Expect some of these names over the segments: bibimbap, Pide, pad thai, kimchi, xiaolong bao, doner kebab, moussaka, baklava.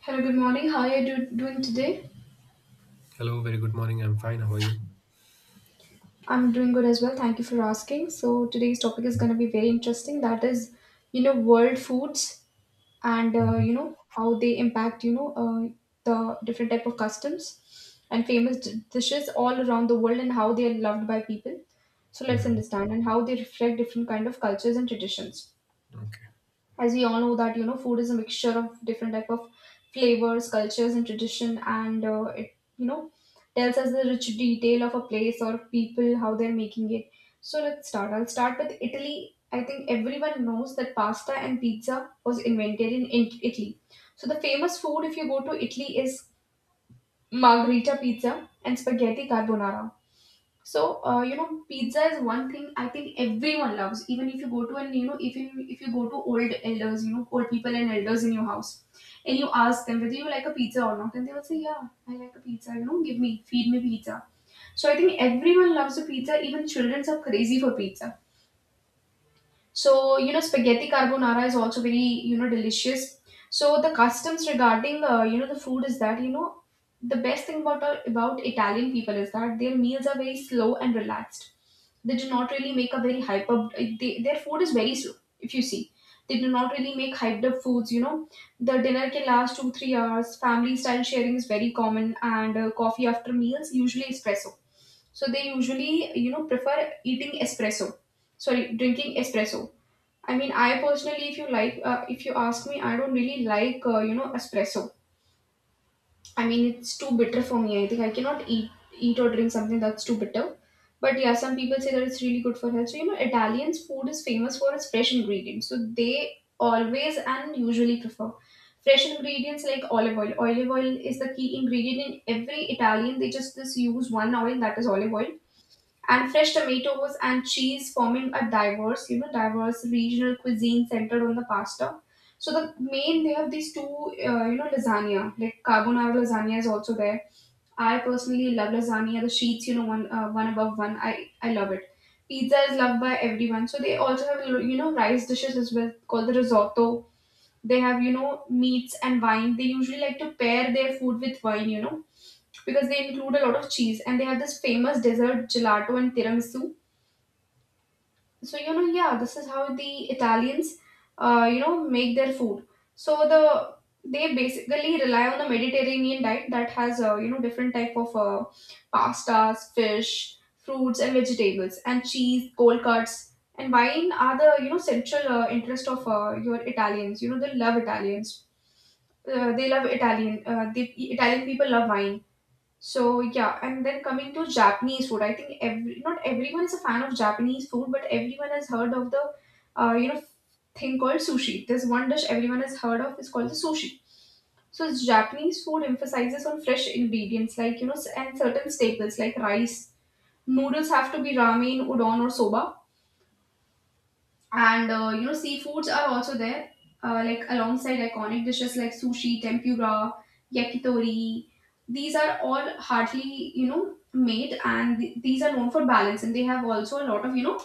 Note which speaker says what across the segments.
Speaker 1: Hello, good morning. How are you doing today?
Speaker 2: Hello, very good morning. I'm fine. How are you?
Speaker 1: I'm doing good as well. Thank you for asking. So today's topic is going to be very interesting. That is, world foods, and how they impact, the different type of customs and famous dishes all around the world, and how they are loved by people. So let's
Speaker 2: hmm
Speaker 1: understand and how they reflect different kind of cultures and traditions.
Speaker 2: Okay.
Speaker 1: As we all know that food is a mixture of different type of flavors, cultures, and tradition, and it, tells us the rich detail of a place or people, how they're making it. So let's start I'll start with Italy. I think everyone knows that pasta and pizza was invented in Italy. So the famous food, if you go to Italy, is margherita pizza and spaghetti carbonara. So pizza is one thing I think everyone loves. Even if you go to an you know, if you go to old elders, old people and elders in your house, and you ask them whether you like a pizza or not, and they will say, yeah, I like a pizza. Feed me pizza. So I think everyone loves a pizza. Even children are crazy for pizza. So spaghetti carbonara is also very delicious. So the customs regarding, the food, is that, the best thing about Italian people is that their meals are very slow and relaxed. They do not really make a very hype up. Their food is very slow. If you see, they do not really make hyped up foods. The dinner can last 2-3 hours. Family style sharing is very common, and coffee after meals, usually espresso. So they usually prefer eating espresso, sorry, drinking espresso. I mean, I personally, if you ask me, I don't really like, espresso. I mean, it's too bitter for me. I think I cannot eat or drink something that's too bitter. But yeah, some people say that it's really good for health. So Italians food is famous for its fresh ingredients. So they always and usually prefer fresh ingredients like olive oil. Olive oil is the key ingredient in every Italian. They just this use one oil, that is olive oil, and fresh tomatoes and cheese, forming a diverse, diverse regional cuisine centered on the pasta. So, they have these two, lasagna, like carbonara. Lasagna is also there. I personally love lasagna, the sheets, one, one above one. I love it. Pizza is loved by everyone, so they also have, rice dishes as well, called the risotto. They have, meats and wine. They usually like to pair their food with wine, because they include a lot of cheese. And they have this famous dessert, gelato and tiramisu. So yeah, this is how the Italians, make their food. So they basically rely on the Mediterranean diet that has, different type of, pastas, fish, fruits, and vegetables, and cheese, cold cuts, and wine are the, central, interest of, your Italians. They love Italians, they love Italian. The Italian people love wine. So yeah, and then coming to Japanese food, I think, every not everyone is a fan of Japanese food, but everyone has heard of the, uh, you know thing called sushi. There's one dish everyone has heard of. It's called the sushi. So Japanese food emphasizes on fresh ingredients, like, and certain staples like rice. Noodles have to be ramen, udon, or soba, and seafoods are also there, like alongside iconic dishes like sushi, tempura, yakitori. These are all hardly made, and these are known for balance, and they have also a lot of,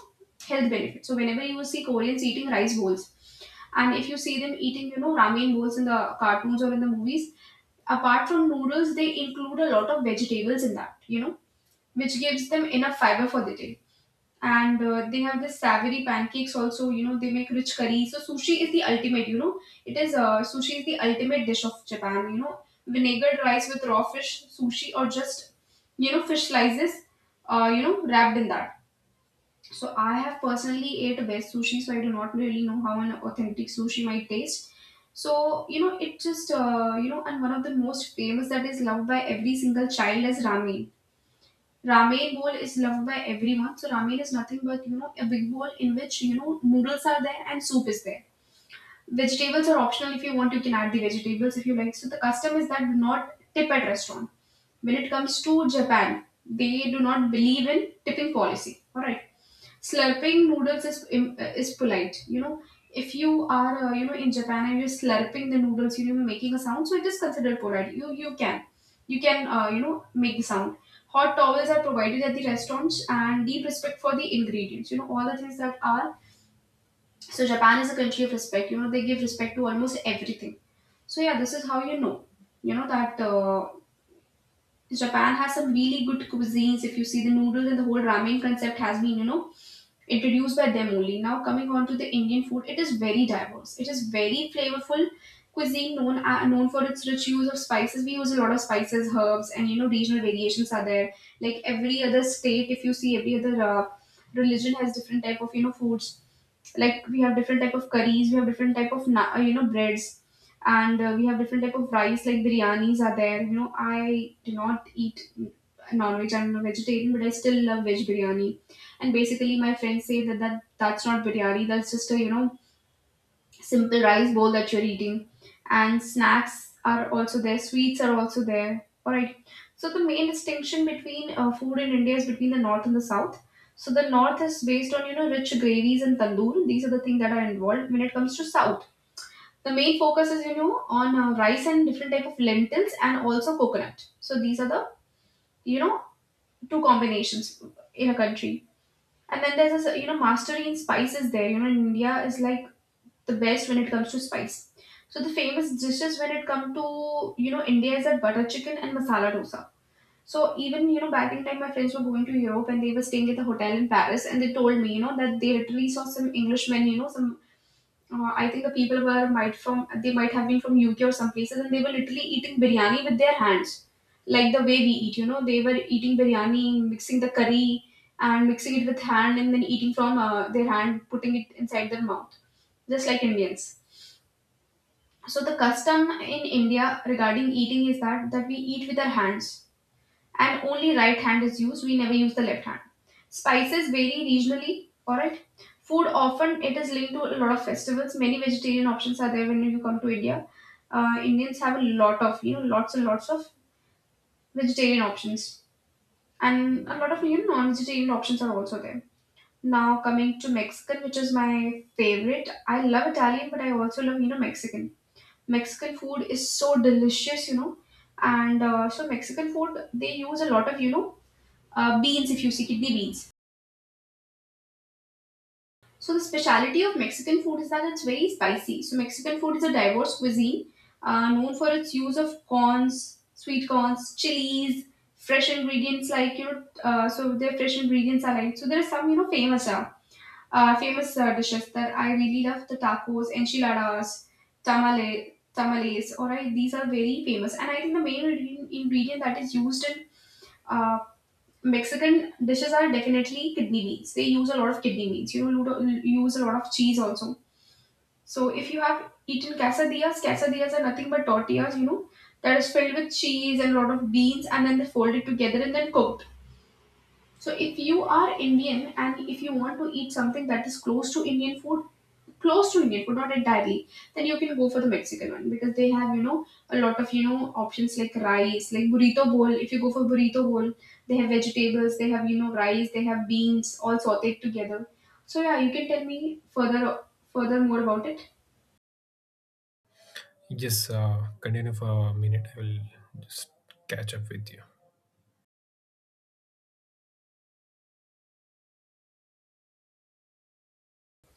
Speaker 1: health benefits. So whenever you see Koreans eating rice bowls, and if you see them eating, ramen bowls in the cartoons or in the movies, apart from noodles, they include a lot of vegetables in that, which gives them enough fiber for the day. And they have this savory pancakes also. They make rich curry. So sushi is the ultimate, it is, sushi is the ultimate dish of Japan. Vinegared rice with raw fish, sushi, or just, fish slices, wrapped in that. So I have personally ate best sushi, so I do not really know how an authentic sushi might taste. So it just, and one of the most famous that is loved by every single child is ramen. Ramen bowl is loved by everyone. So ramen is nothing but, a big bowl in which, noodles are there and soup is there. Vegetables are optional if you want. You can add the vegetables if you like. So the custom is that, do not tip at restaurant when it comes to Japan. They do not believe in tipping policy. All right, slurping noodles is polite. If you are, in Japan and you're slurping the noodles, making a sound, so it is considered polite. You can make the sound. Hot towels are provided at the restaurants and deep respect for the ingredients. You know all the things that are. So Japan is a country of respect. They give respect to almost everything. So yeah, this is how you know that, Japan has some really good cuisines. If you see, the noodles and the whole ramen concept has been, introduced by them only. Now coming on to the Indian food, it is very diverse. It is very flavorful cuisine known for its rich use of spices. We use a lot of spices, herbs, and, regional variations are there. Like every other state, if you see, every other, religion has different type of, foods. Like we have different type of curries. We have different type of, breads. And we have different type of rice, like biryanis are there. I do not eat non-veg. I'm a vegetarian, but I still love veg biryani. And basically my friends say that that's not biryani, that's just a, simple rice bowl that you're eating. And snacks are also there, sweets are also there. All right. So the main distinction between, food in India is between the north and the south. So the north is based on, rich gravies and tandoor. These are the things that are involved. When it comes to south, the main focus is, on, rice and different type of lentils and also coconut. So these are the, you know, two combinations in a country. And then there's this, mastery in spices there. In India is like the best when it comes to spice. So the famous dishes, when it comes to, India, is that butter chicken and masala dosa. So even, back in time, my friends were going to Europe and they were staying at the hotel in Paris, and they told me, that they literally saw some Englishmen, some, I think they might have been from UK or some places, and they were literally eating biryani with their hands, like the way we eat. They were eating biryani, mixing the curry and mixing it with hand, and then eating from, their hand, putting it inside their mouth, just like Indians. So the custom in India regarding eating is that we eat with our hands, and only right hand is used. We never use the left hand. Spices vary regionally. All right. Food often it is linked to a lot of festivals. Many vegetarian options are there when you come to India. Indians have a lot of, lots and lots of vegetarian options, and a lot of, non-vegetarian options are also there. Now coming to Mexican, which is my favorite. I love Italian, but I also love, Mexican. Mexican food is so delicious. And So Mexican food, they use a lot of, beans, if you see, kidney beans. So the speciality of Mexican food is that it's very spicy. So Mexican food is a diverse cuisine known for its use of corns, sweet corns, chilies, fresh ingredients. Their fresh ingredients are like, so there are some famous dishes that I really love: the tacos, enchiladas, tamales. All right, these are very famous, and I think the main ingredient that is used in uh, Mexican dishes are definitely kidney beans. They use a lot of kidney beans. Use a lot of cheese also. So if you have eaten quesadillas, quesadillas are nothing but tortillas, that is filled with cheese and a lot of beans, and then they fold it together and then cooked. So if you are Indian and if you want to eat something that is close to Indian food, close to Indian food, not entirely, then you can go for the Mexican one because they have, you know, a lot of, you know, options like rice, like burrito bowl. If you go for burrito bowl, they have vegetables, they have, you know, rice, they have beans all sauteed together. So yeah, you can tell me further further more about it.
Speaker 2: Just continue for a minute. I will just catch up with you.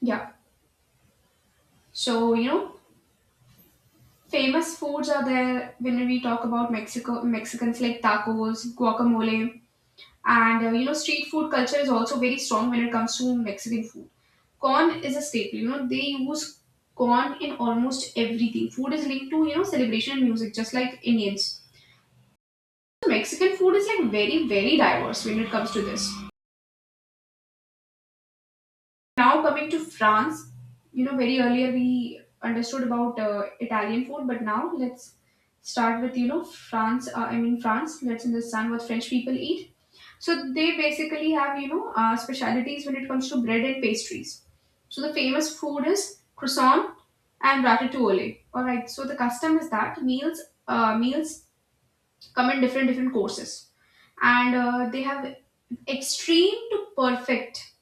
Speaker 1: Yeah. So, you know, famous foods are there when we talk about Mexico Mexicans, like tacos, guacamole. And you know, street food culture is also very strong when it comes to Mexican food. Corn is a staple. You know, they use corn in almost everything. Food is linked to, you know, celebration and music, just like Indians. So, Mexican food is like very diverse when it comes to this. Now coming to France, you know, very earlier we understood about Italian food, but now let's start with, you know, France. I mean France. Let's understand what French people eat. So they basically have, you know, specialities when it comes to bread and pastries. So the famous food is croissant and ratatouille. All right. So the custom is that meals come in different different courses, and they have extreme to perfect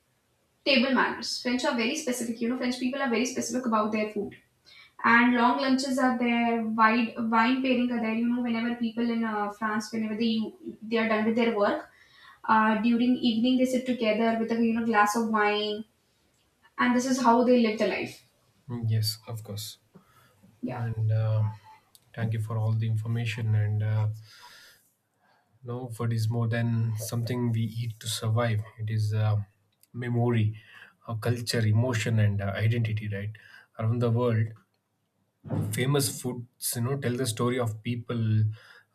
Speaker 1: table manners. French are very specific. You know, French people are very specific about their food. And long lunches are there. Wide wine pairing are there. You know, whenever people in France, whenever they are done with their work, during evening they sit together with a, you know, glass of wine, and this is how they live the life.
Speaker 2: Mm, yes, of course.
Speaker 1: Yeah.
Speaker 2: And thank you for all the information. And no, food is more than something we eat to survive. It is memory, culture, emotion, and identity. Right, around the world, famous foods you know tell the story of people,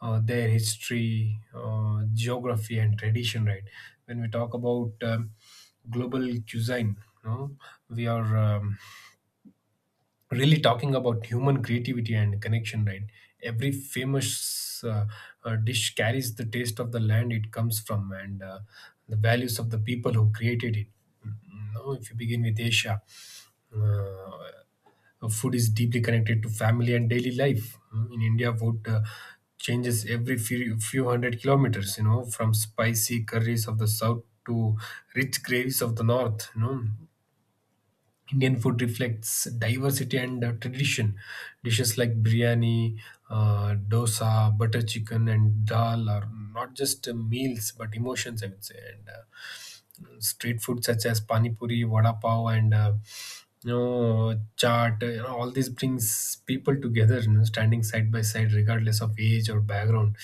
Speaker 2: their history, geography and tradition. Right, when we talk about global cuisine, you know, we are really talking about human creativity and connection. Right, every famous dish carries the taste of the land it comes from, and the values of the people who created it. No, if you begin with Asia, uh, food is deeply connected to family and daily life. Mm, in India, food changes every few hundred kilometers, you know, from spicy curries of the south to rich gravies of the north. You know, Indian food reflects diversity and tradition. Dishes like biryani, dosa, butter chicken, and dal are not just meals but emotions, I would say. And street food such as pani puri, vada pav, and you know, chaat, you know, all this brings people together, you know, standing side by side, regardless of age or background.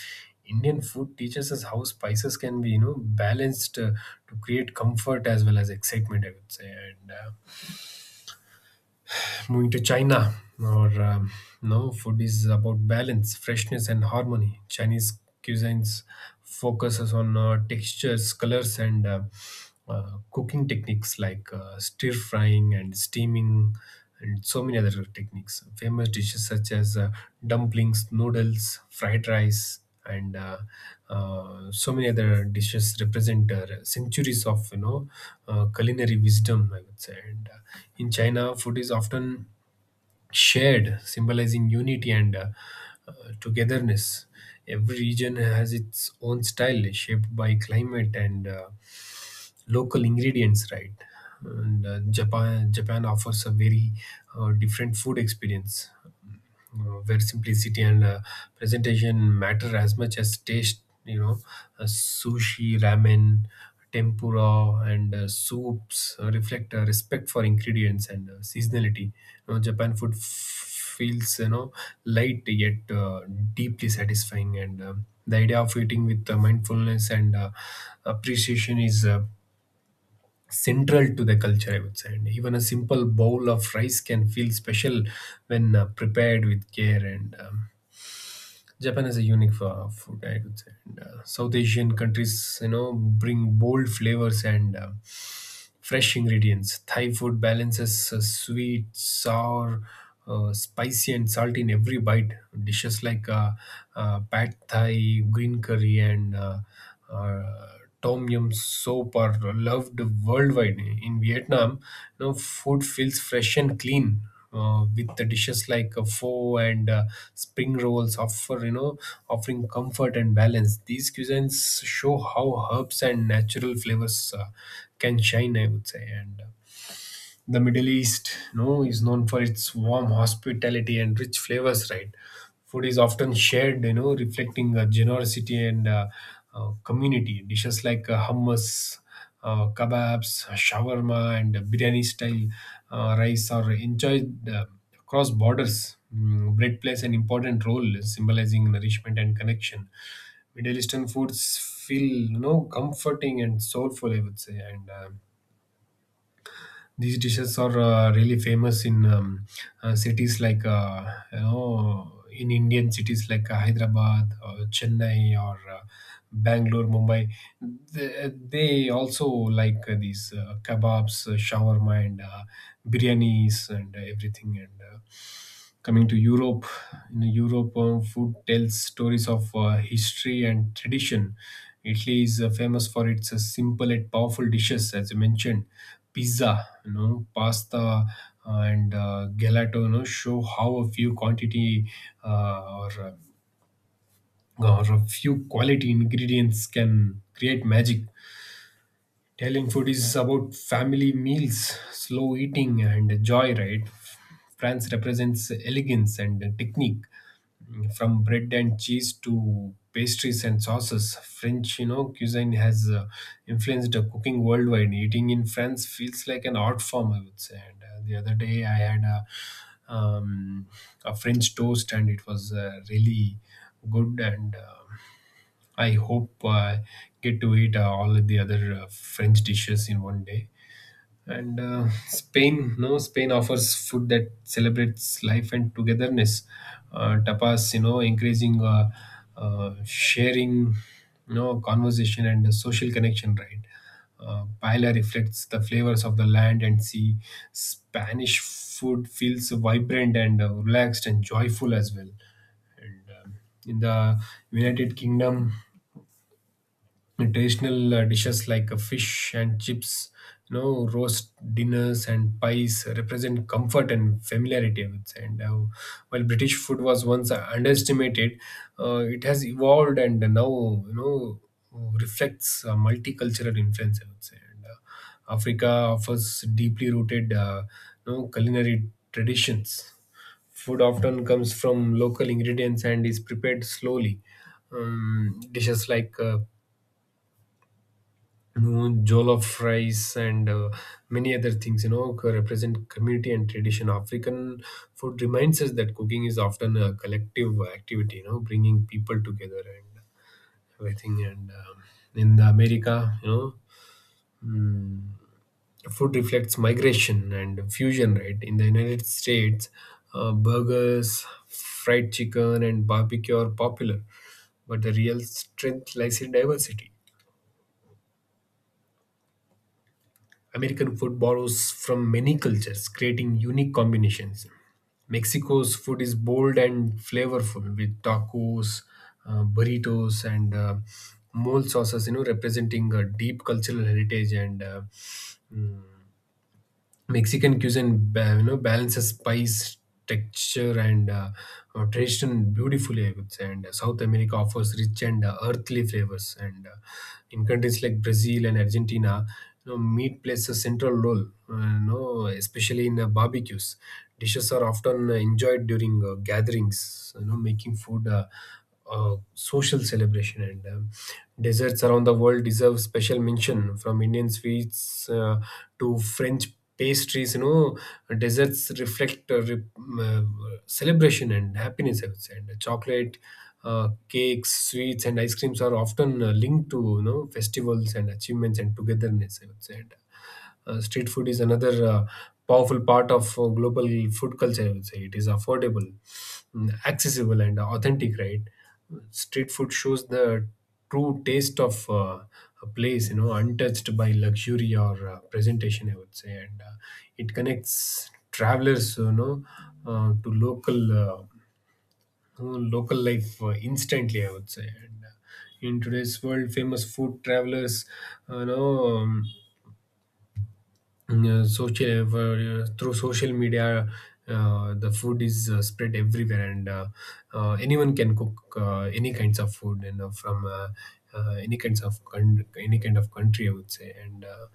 Speaker 2: Indian food teaches us how spices can be, you know, balanced to create comfort as well as excitement, I would say. And moving to China, or no, food is about balance, freshness, and harmony. Chinese cuisines focuses on textures, colors, and cooking techniques like stir frying and steaming, and so many other techniques. Famous dishes such as dumplings, noodles, fried rice, and so many other dishes represent centuries of you know culinary wisdom, I would say. And in China, food is often shared, symbolizing unity and uh, togetherness. Every region has its own style, shaped by climate and local ingredients. Right, and uh, japan, Japan offers a very different food experience, where simplicity and presentation matter as much as taste. You know, sushi, ramen, tempura, and soups reflect a respect for ingredients and seasonality. You know, Japan feels, you know, light, yet deeply satisfying. And the idea of eating with mindfulness and appreciation is central to the culture, I would say. And even a simple bowl of rice can feel special when prepared with care. And Japan has a unique food, I would say. And South Asian countries, you know, bring bold flavors and fresh ingredients. Thai food balances sweet, sour, spicy, and salty in every bite. Dishes like pad thai, green curry, and uh, tom yum soup are loved worldwide. In Vietnam, you know, food feels fresh and clean, with the dishes like pho and spring rolls offering comfort and balance. These cuisines show how herbs and natural flavors can shine, I would say. And the Middle East, you know, is known for its warm hospitality and rich flavors. Right, food is often shared, you know, reflecting generosity and community. Dishes like hummus, kebabs, shawarma, and biryani-style rice are enjoyed across borders. Mm, bread plays an important role, symbolizing nourishment and connection. Middle Eastern foods feel, you know, comforting and soulful, I would say. And these dishes are really famous in cities like you know, in Indian cities like Hyderabad, or Chennai, or Bangalore, Mumbai. They also like these kebabs, shawarma, and biryanis, and everything. And coming to Europe, in Europe, food tells stories of history and tradition. Italy is famous for its simple yet powerful dishes, as you mentioned, pizza, you know, pasta, and gelato. You know, show how a few quantity uh, or uh, or a few quality ingredients can create magic. Italian food is about family meals, slow eating, and joy, right? France represents elegance and technique. Mm, from bread and cheese to pastries and sauces. French, you know, cuisine has influenced the cooking worldwide. Eating in France feels like an art form, I would say. And the other day, I had um, a French toast, and it was really good and. I hope I get to eat all of the other French dishes in one day. And Spain, no, Spain offers food that celebrates life and togetherness. Tapas, you know, encouraging sharing, you know, conversation and social connection, right? Paella reflects the flavors of the land and sea. Spanish food feels vibrant and relaxed and joyful as well. And In the United Kingdom, and traditional dishes like fish and chips, you know, roast dinners and pies represent comfort and familiarity, I would say. And while British food was once underestimated, it has evolved and now, you know, reflects multicultural influence, I would say. And Africa offers deeply rooted you know, culinary traditions. Food often comes from local ingredients and is prepared slowly. Dishes like you know, jollof rice and many other things, you know, represent community and tradition. African food reminds us that cooking is often a collective activity, you know, bringing people together and everything. And In the America, you know, mm, food reflects migration and fusion. Right, in the United States, burgers, fried chicken and barbecue are popular, but the real strength lies in diversity. American food borrows from many cultures, creating unique combinations. Mexico's food is bold and flavorful, with tacos, burritos, and mole sauces. You know, representing a deep cultural heritage. Mm, Mexican cuisine, you know, balances spice, texture, and tradition beautifully, I would say. And South America offers rich and earthly flavors. And in countries like Brazil and Argentina, you know, meat plays a central role. You know, especially in barbecues, dishes are often enjoyed during gatherings, you know, making food social celebration. And Desserts around the world deserve special mention. From Indian sweets to French pastries, you know, desserts reflect celebration and happiness, I would say. And chocolate, cakes, sweets, and ice creams are often linked to you know festivals and achievements and togetherness, I would say. Street food is another powerful part of global food culture, I would say. It is affordable, accessible, and authentic, right? Street food shows the true taste of a place, you know, untouched by luxury or presentation, I would say. And it connects travelers, you know, to Uh, local life instantly, I would say. And In today's world, famous food travelers, you know, Mm, social through social media, the food is spread everywhere, and anyone can cook any kinds of food, you know, from any kind of country, I would say. and uh,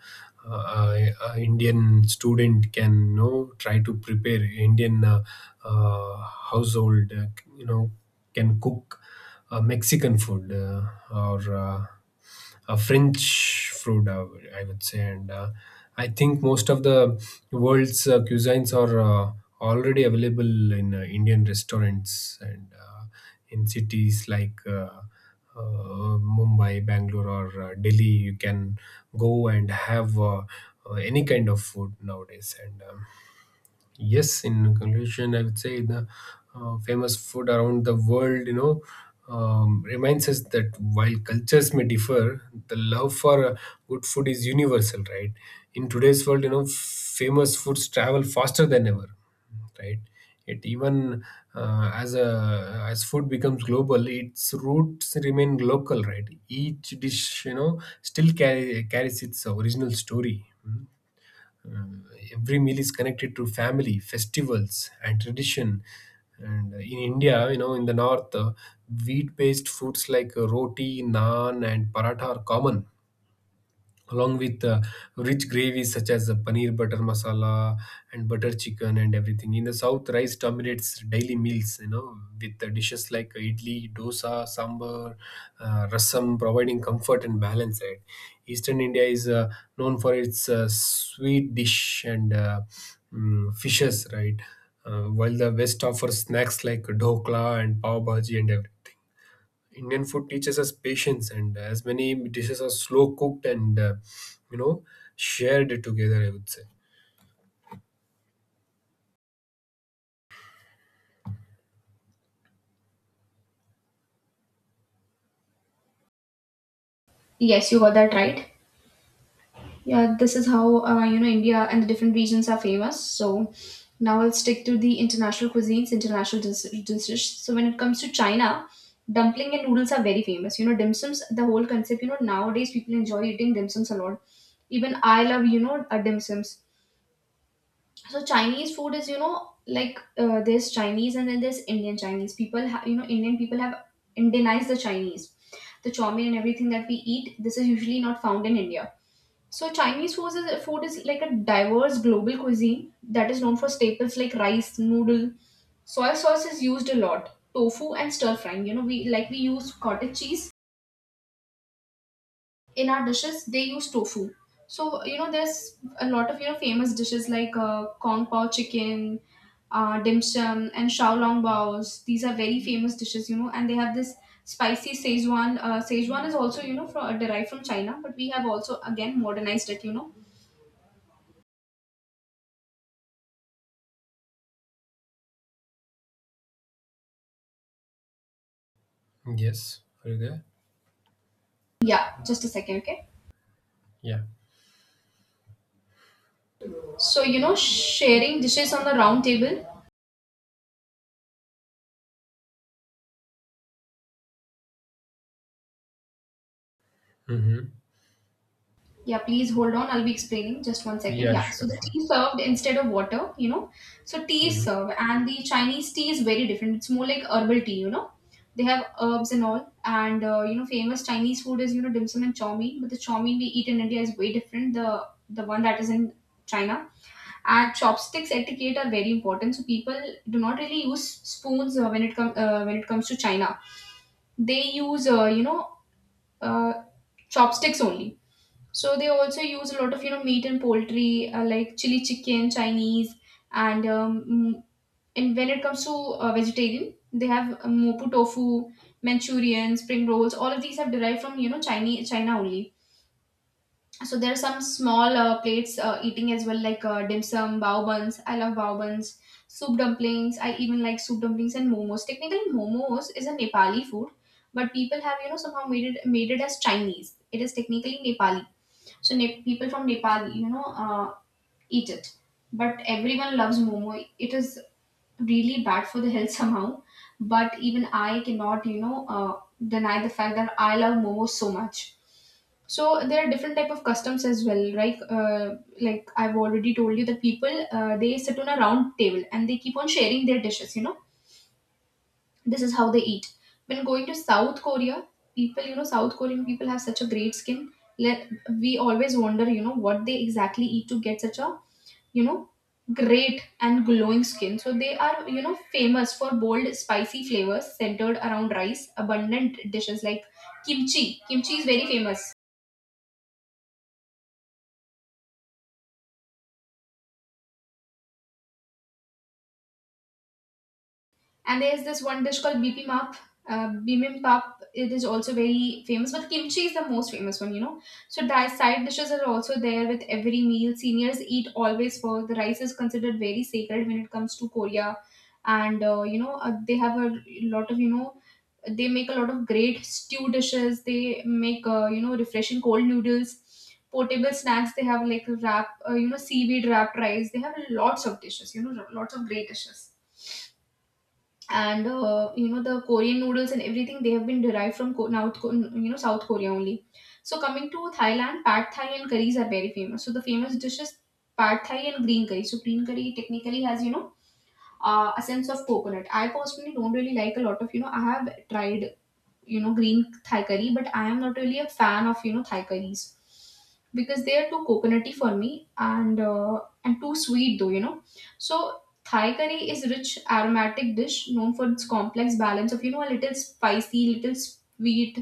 Speaker 2: uh, a, a Indian student can, you know, try to prepare indian uh, household you know can cook Mexican food, or a French food, I would say. And I think most of the world's cuisines are already available in Indian restaurants and in cities like Mumbai, Bangalore, or Delhi. You can go and have any kind of food nowadays. And Yes, in conclusion, I would say, the famous food around the world, you know, reminds us that while cultures may differ, the love for good food is universal, right? In today's world, you know, famous foods travel faster than ever, right? It even as a as food becomes global, its roots remain local, right? Each dish, you know, carries its original story. Hmm? Um, every meal is connected to family, festivals, and tradition. And in India, you know, in the north, wheat-based foods like roti, naan, and paratha are common along with rich gravies such as the paneer butter masala and butter chicken and everything. In the south, rice dominates daily meals, you know, with the dishes like idli, dosa, sambar, rasam, providing comfort and balance, right? Eastern India is known for its sweet dish and fishes, right? While the west offers snacks like dhokla and pav bhaji and everything. Indian food teaches us patience, and as many dishes are slow cooked and, you know, shared together, I would say.
Speaker 1: Yes, you got that right. Yeah, this is how, you know, India and the different regions are famous. So now I'll stick to the international cuisines, dishes. So when it comes to China, dumpling and noodles are very famous. You know, dim sums. The whole concept. You know, nowadays people enjoy eating dim sums a lot. Even I love, you know, dim sums. So Chinese food is, you know, like there's Chinese and then there's Indian Chinese. People have you know Indian people have Indianized the Chinese. The chow mein and everything that we eat, this is usually not found in India. So food is like a diverse global cuisine that is known for staples like rice, noodle. Soy sauce is used a lot. Tofu and stir frying. You know, we use cottage cheese in our dishes. They use tofu. So, you know, there's a lot of, you know, famous dishes like kong pao chicken, dim sum, and xiaolong bao's. These are very famous dishes. You know, and they have this spicy Szechuan. Szechuan is also, you know, derived from China, but we have also again modernized it, you know.
Speaker 2: Yes, are you there?
Speaker 1: Yeah, just a second, okay?
Speaker 2: Yeah.
Speaker 1: So, you know, sharing dishes on the round table.
Speaker 2: Mm-hmm.
Speaker 1: Yeah, please hold on. I'll be explaining just 1 second.
Speaker 2: Yeah,
Speaker 1: Yeah,
Speaker 2: sure,
Speaker 1: so the
Speaker 2: sure.
Speaker 1: tea served instead of water, you know. So, tea is
Speaker 2: hmm
Speaker 1: served, and the Chinese tea is very different. It's more like herbal tea, you know. They have herbs and all. And, you know, famous Chinese food is, you know, dim sum and chow mein. But the chow mein we eat in India is way different. The one that is in China. And chopsticks etiquette are very important, so people do not really use spoons when it comes to China. They use, you know, uh, chopsticks only. So they also use a lot of, you know, meat and poultry, like chili chicken Chinese. And and when it comes to vegetarian, they have mopu tofu, manchurian, spring rolls. All of these have derived from, you know, Chinese China only. So there are some small plates eating as well, like dim sum, bao buns. I love bao buns, soup dumplings. I even like soup dumplings and momos. Technically momos is a Nepali food, but people have, you know, somehow made it as Chinese. It is technically Nepali. So people from Nepal, you know, eat it, but everyone loves momo. It is really bad for the health somehow, but even I cannot, you know, deny the fact that I love momos so much. So there are different type of customs as well, right? Like I've already told you that people, they sit on a round table and they keep on sharing their dishes, you know. This is how they eat. When going to South Korea, people, you know, South Korean people have such a great skin. Let, we always wonder, you know, what they exactly eat to get such a, you know, great and glowing skin. So they are, you know, famous for bold spicy flavors centered around rice, abundant dishes like kimchi. Kimchi is very famous. And there's this one dish called bibimbap. Bibimbap. It is also very famous, but kimchi is the most famous one. You know, so side dishes are also there with every meal. Seniors eat always for the rice is considered very sacred when it comes to Korea, and you know, they have a lot of, you know, they make a lot of great stew dishes. They make, you know, refreshing cold noodles. Portable snacks, they have like wrap, you know, seaweed wrapped rice. They have lots of dishes, you know, lots of great dishes. And you know, the Korean noodles and everything they have been derived from you know, South Korea only. So coming to Thailand, pad thai and curries are very famous. So the famous dishes, pad thai and green curry. So green curry technically has, you know, a sense of coconut. I personally don't really like a lot of, you know, I have tried, you know, green thai curry, but I am not really a fan of, you know, Thai curries because they are too coconutty for me, and too sweet though, you know. So Thai curry is rich aromatic dish known for its complex balance of, you know, a little spicy, little sweet,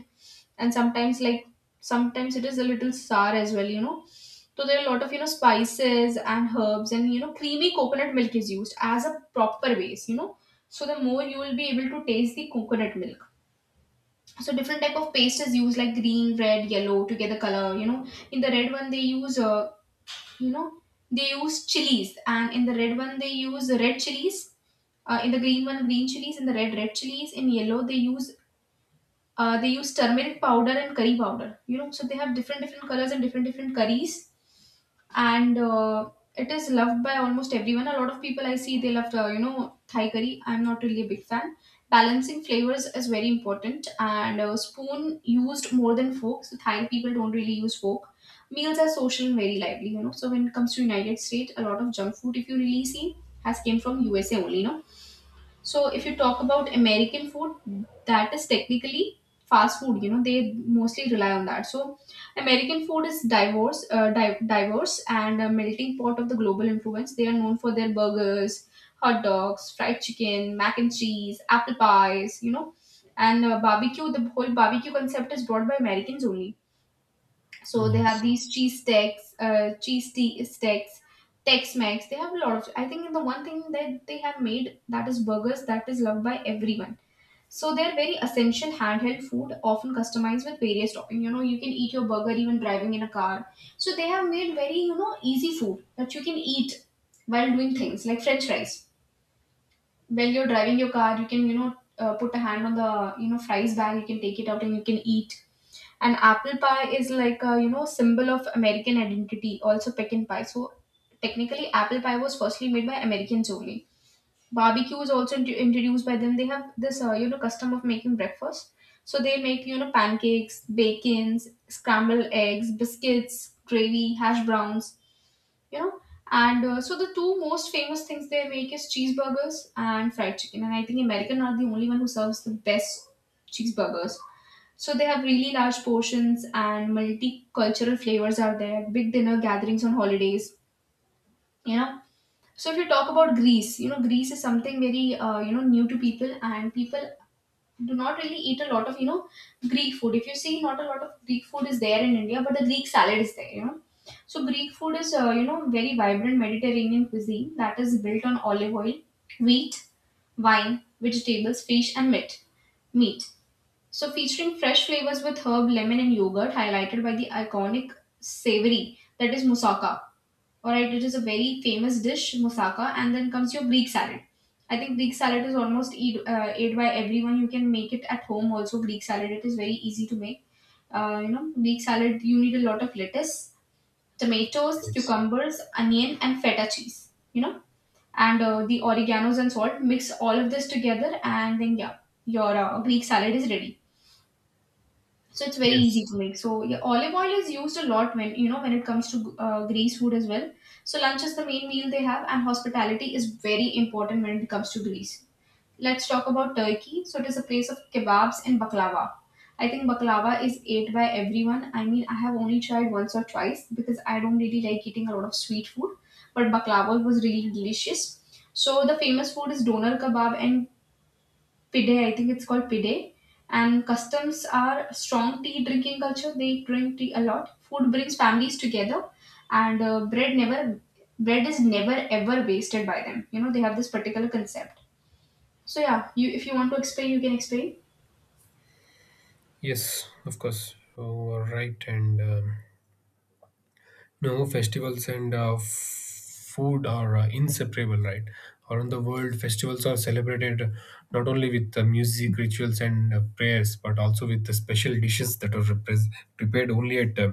Speaker 1: and sometimes it is a little sour as well, you know. So there are a lot of, you know, spices and herbs, and, you know, creamy coconut milk is used as a proper base, you know. So the more you will be able to taste the coconut milk. So different type of paste is used like green, red, yellow to get the color, you know. In the red one they use, you know they use chilies, and in the red one they use red chilies. In the green one green chilies, in the red red chilies, in yellow they use, they use turmeric powder and curry powder, you know. So they have different different colors and different different curries, and it is loved by almost everyone. A lot of people I see they love, you know, Thai curry. I'm not really a big fan. Balancing flavors is very important, and spoon used more than fork. So Thai people don't really use fork. Meals are social and very lively, you know. So when it comes to United States, a lot of junk food, if you really see, has came from USA only, no. So if you talk about American food, that is technically fast food. You know, they mostly rely on that. So American food is diverse, diverse and a melting pot of the global influence. They are known for their burgers, hot dogs, fried chicken, mac and cheese, apple pies. You know, and barbecue. The whole barbecue concept is brought by Americans only. So they have
Speaker 2: Yes,
Speaker 1: these cheese sticks, cheese tea sticks, Tex-Mex. They have a lot of. I think the one thing that they have made that is burgers that is loved by everyone. So they're very essential handheld food, often customized with various toppings. You know, you can eat your burger even driving in a car. So they have made very, you know, easy food that you can eat while doing things, like French fries. While you're driving your car, you can, you know, put a hand on the, you know, fries bag. You can take it out and you can eat. And apple pie is like a, you know, symbol of American identity. Also pecan pie. So technically apple pie was firstly made by Americans only. Barbecue is also introduced by them. They have this, you know, custom of making breakfast. So they make, you know, pancakes, bacons, scrambled eggs, biscuits, gravy, hash browns, you know. And so the two most famous things they make is cheeseburgers and fried chicken, and I think American are the only one who serves the best cheeseburgers. So they have really large portions and multicultural flavors are there. Big dinner gatherings on holidays, you know. So if you talk about Greece, you know, Greece is something very, you know, new to people, and people do not really eat a lot of, you know, Greek food if you see. Not a lot of Greek food is there in India, but the Greek salad is there, you know. So Greek food is, you know, very vibrant Mediterranean cuisine that is built on olive oil, wheat, wine, vegetables, fish, and meat. So featuring fresh flavors with herb, lemon, and yogurt, highlighted by the iconic savory, that is moussaka. All right, it is a very famous dish, moussaka, and then comes your Greek salad. I think Greek salad is almost ate by everyone. You can make it at home also. Greek salad, it is very easy to make. You know, Greek salad, you need a lot of lettuce, tomatoes,
Speaker 2: yes,
Speaker 1: cucumbers, onion, and feta cheese. You know, and the oreganos and salt. Mix all of this together, and then yeah, your Greek salad is ready. So it's very
Speaker 2: yes,
Speaker 1: easy to make. So yeah, olive oil is used a lot when, you know, when it comes to Greece food as well. So lunch is the main meal they have, and hospitality is very important when it comes to Greece. Let's talk about Turkey. So it is a place of kebabs and baklava. I think baklava is ate by everyone. I mean, I have only tried once or twice because I don't really like eating a lot of sweet food, but baklava was really delicious. So the famous food is doner kebab and Pide, I think it's called Pide. And customs are strong tea drinking culture. They drink tea a lot. Food brings families together, and bread is never ever wasted by them. You know they have this particular concept. So yeah, you if you want to explain, you can explain.
Speaker 2: yes. Of course, you are right, and No, festivals and food are inseparable, right? Around the world, festivals are celebrated not only with music, rituals, and prayers, but also with the special dishes that are repres prepared only at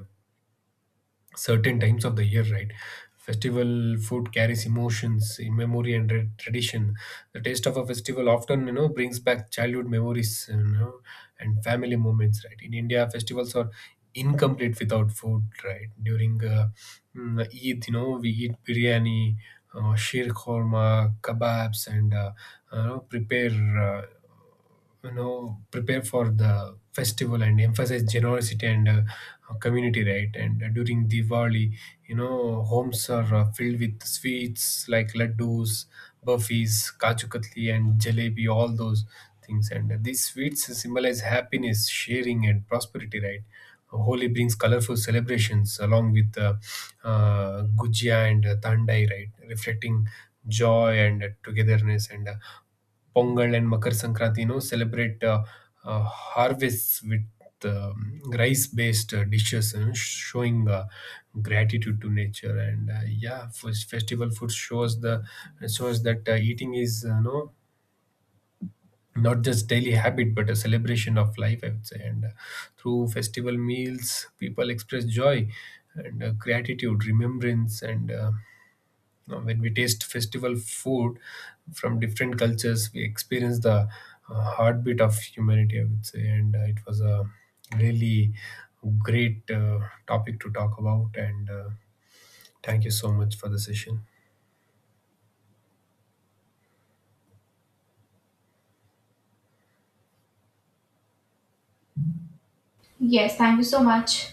Speaker 2: certain times of the year, right? Festival food carries emotions in memory and tradition. The taste of a festival often, you know, brings back childhood memories, you know, and family moments, right? In India, festivals are incomplete without food, right? During Eid, you know, we eat biryani, sheer korma, kebabs, and prepare. You know, prepare for the festival and emphasize generosity and community. Right, and during Diwali, you know, homes are filled with sweets like laddus, burfis, kaju katli and jalebi, all those things. And these sweets symbolize happiness, sharing and prosperity, right? Holi brings colorful celebrations along with gujia and thandai, right? Reflecting joy and togetherness. And Pongal and Makar Sankranti, you know, celebrate harvests with rice-based dishes, you know, showing gratitude to nature. And yeah, festival food shows that eating is, you not just daily habit but a celebration of life, I would say. And through festival meals, people express joy and gratitude, remembrance, and now, when we taste festival food from different cultures, we experience the heartbeat of humanity, I would say. And it was a really great topic to talk about. And thank you so much for the session.
Speaker 1: Yes, thank you so much.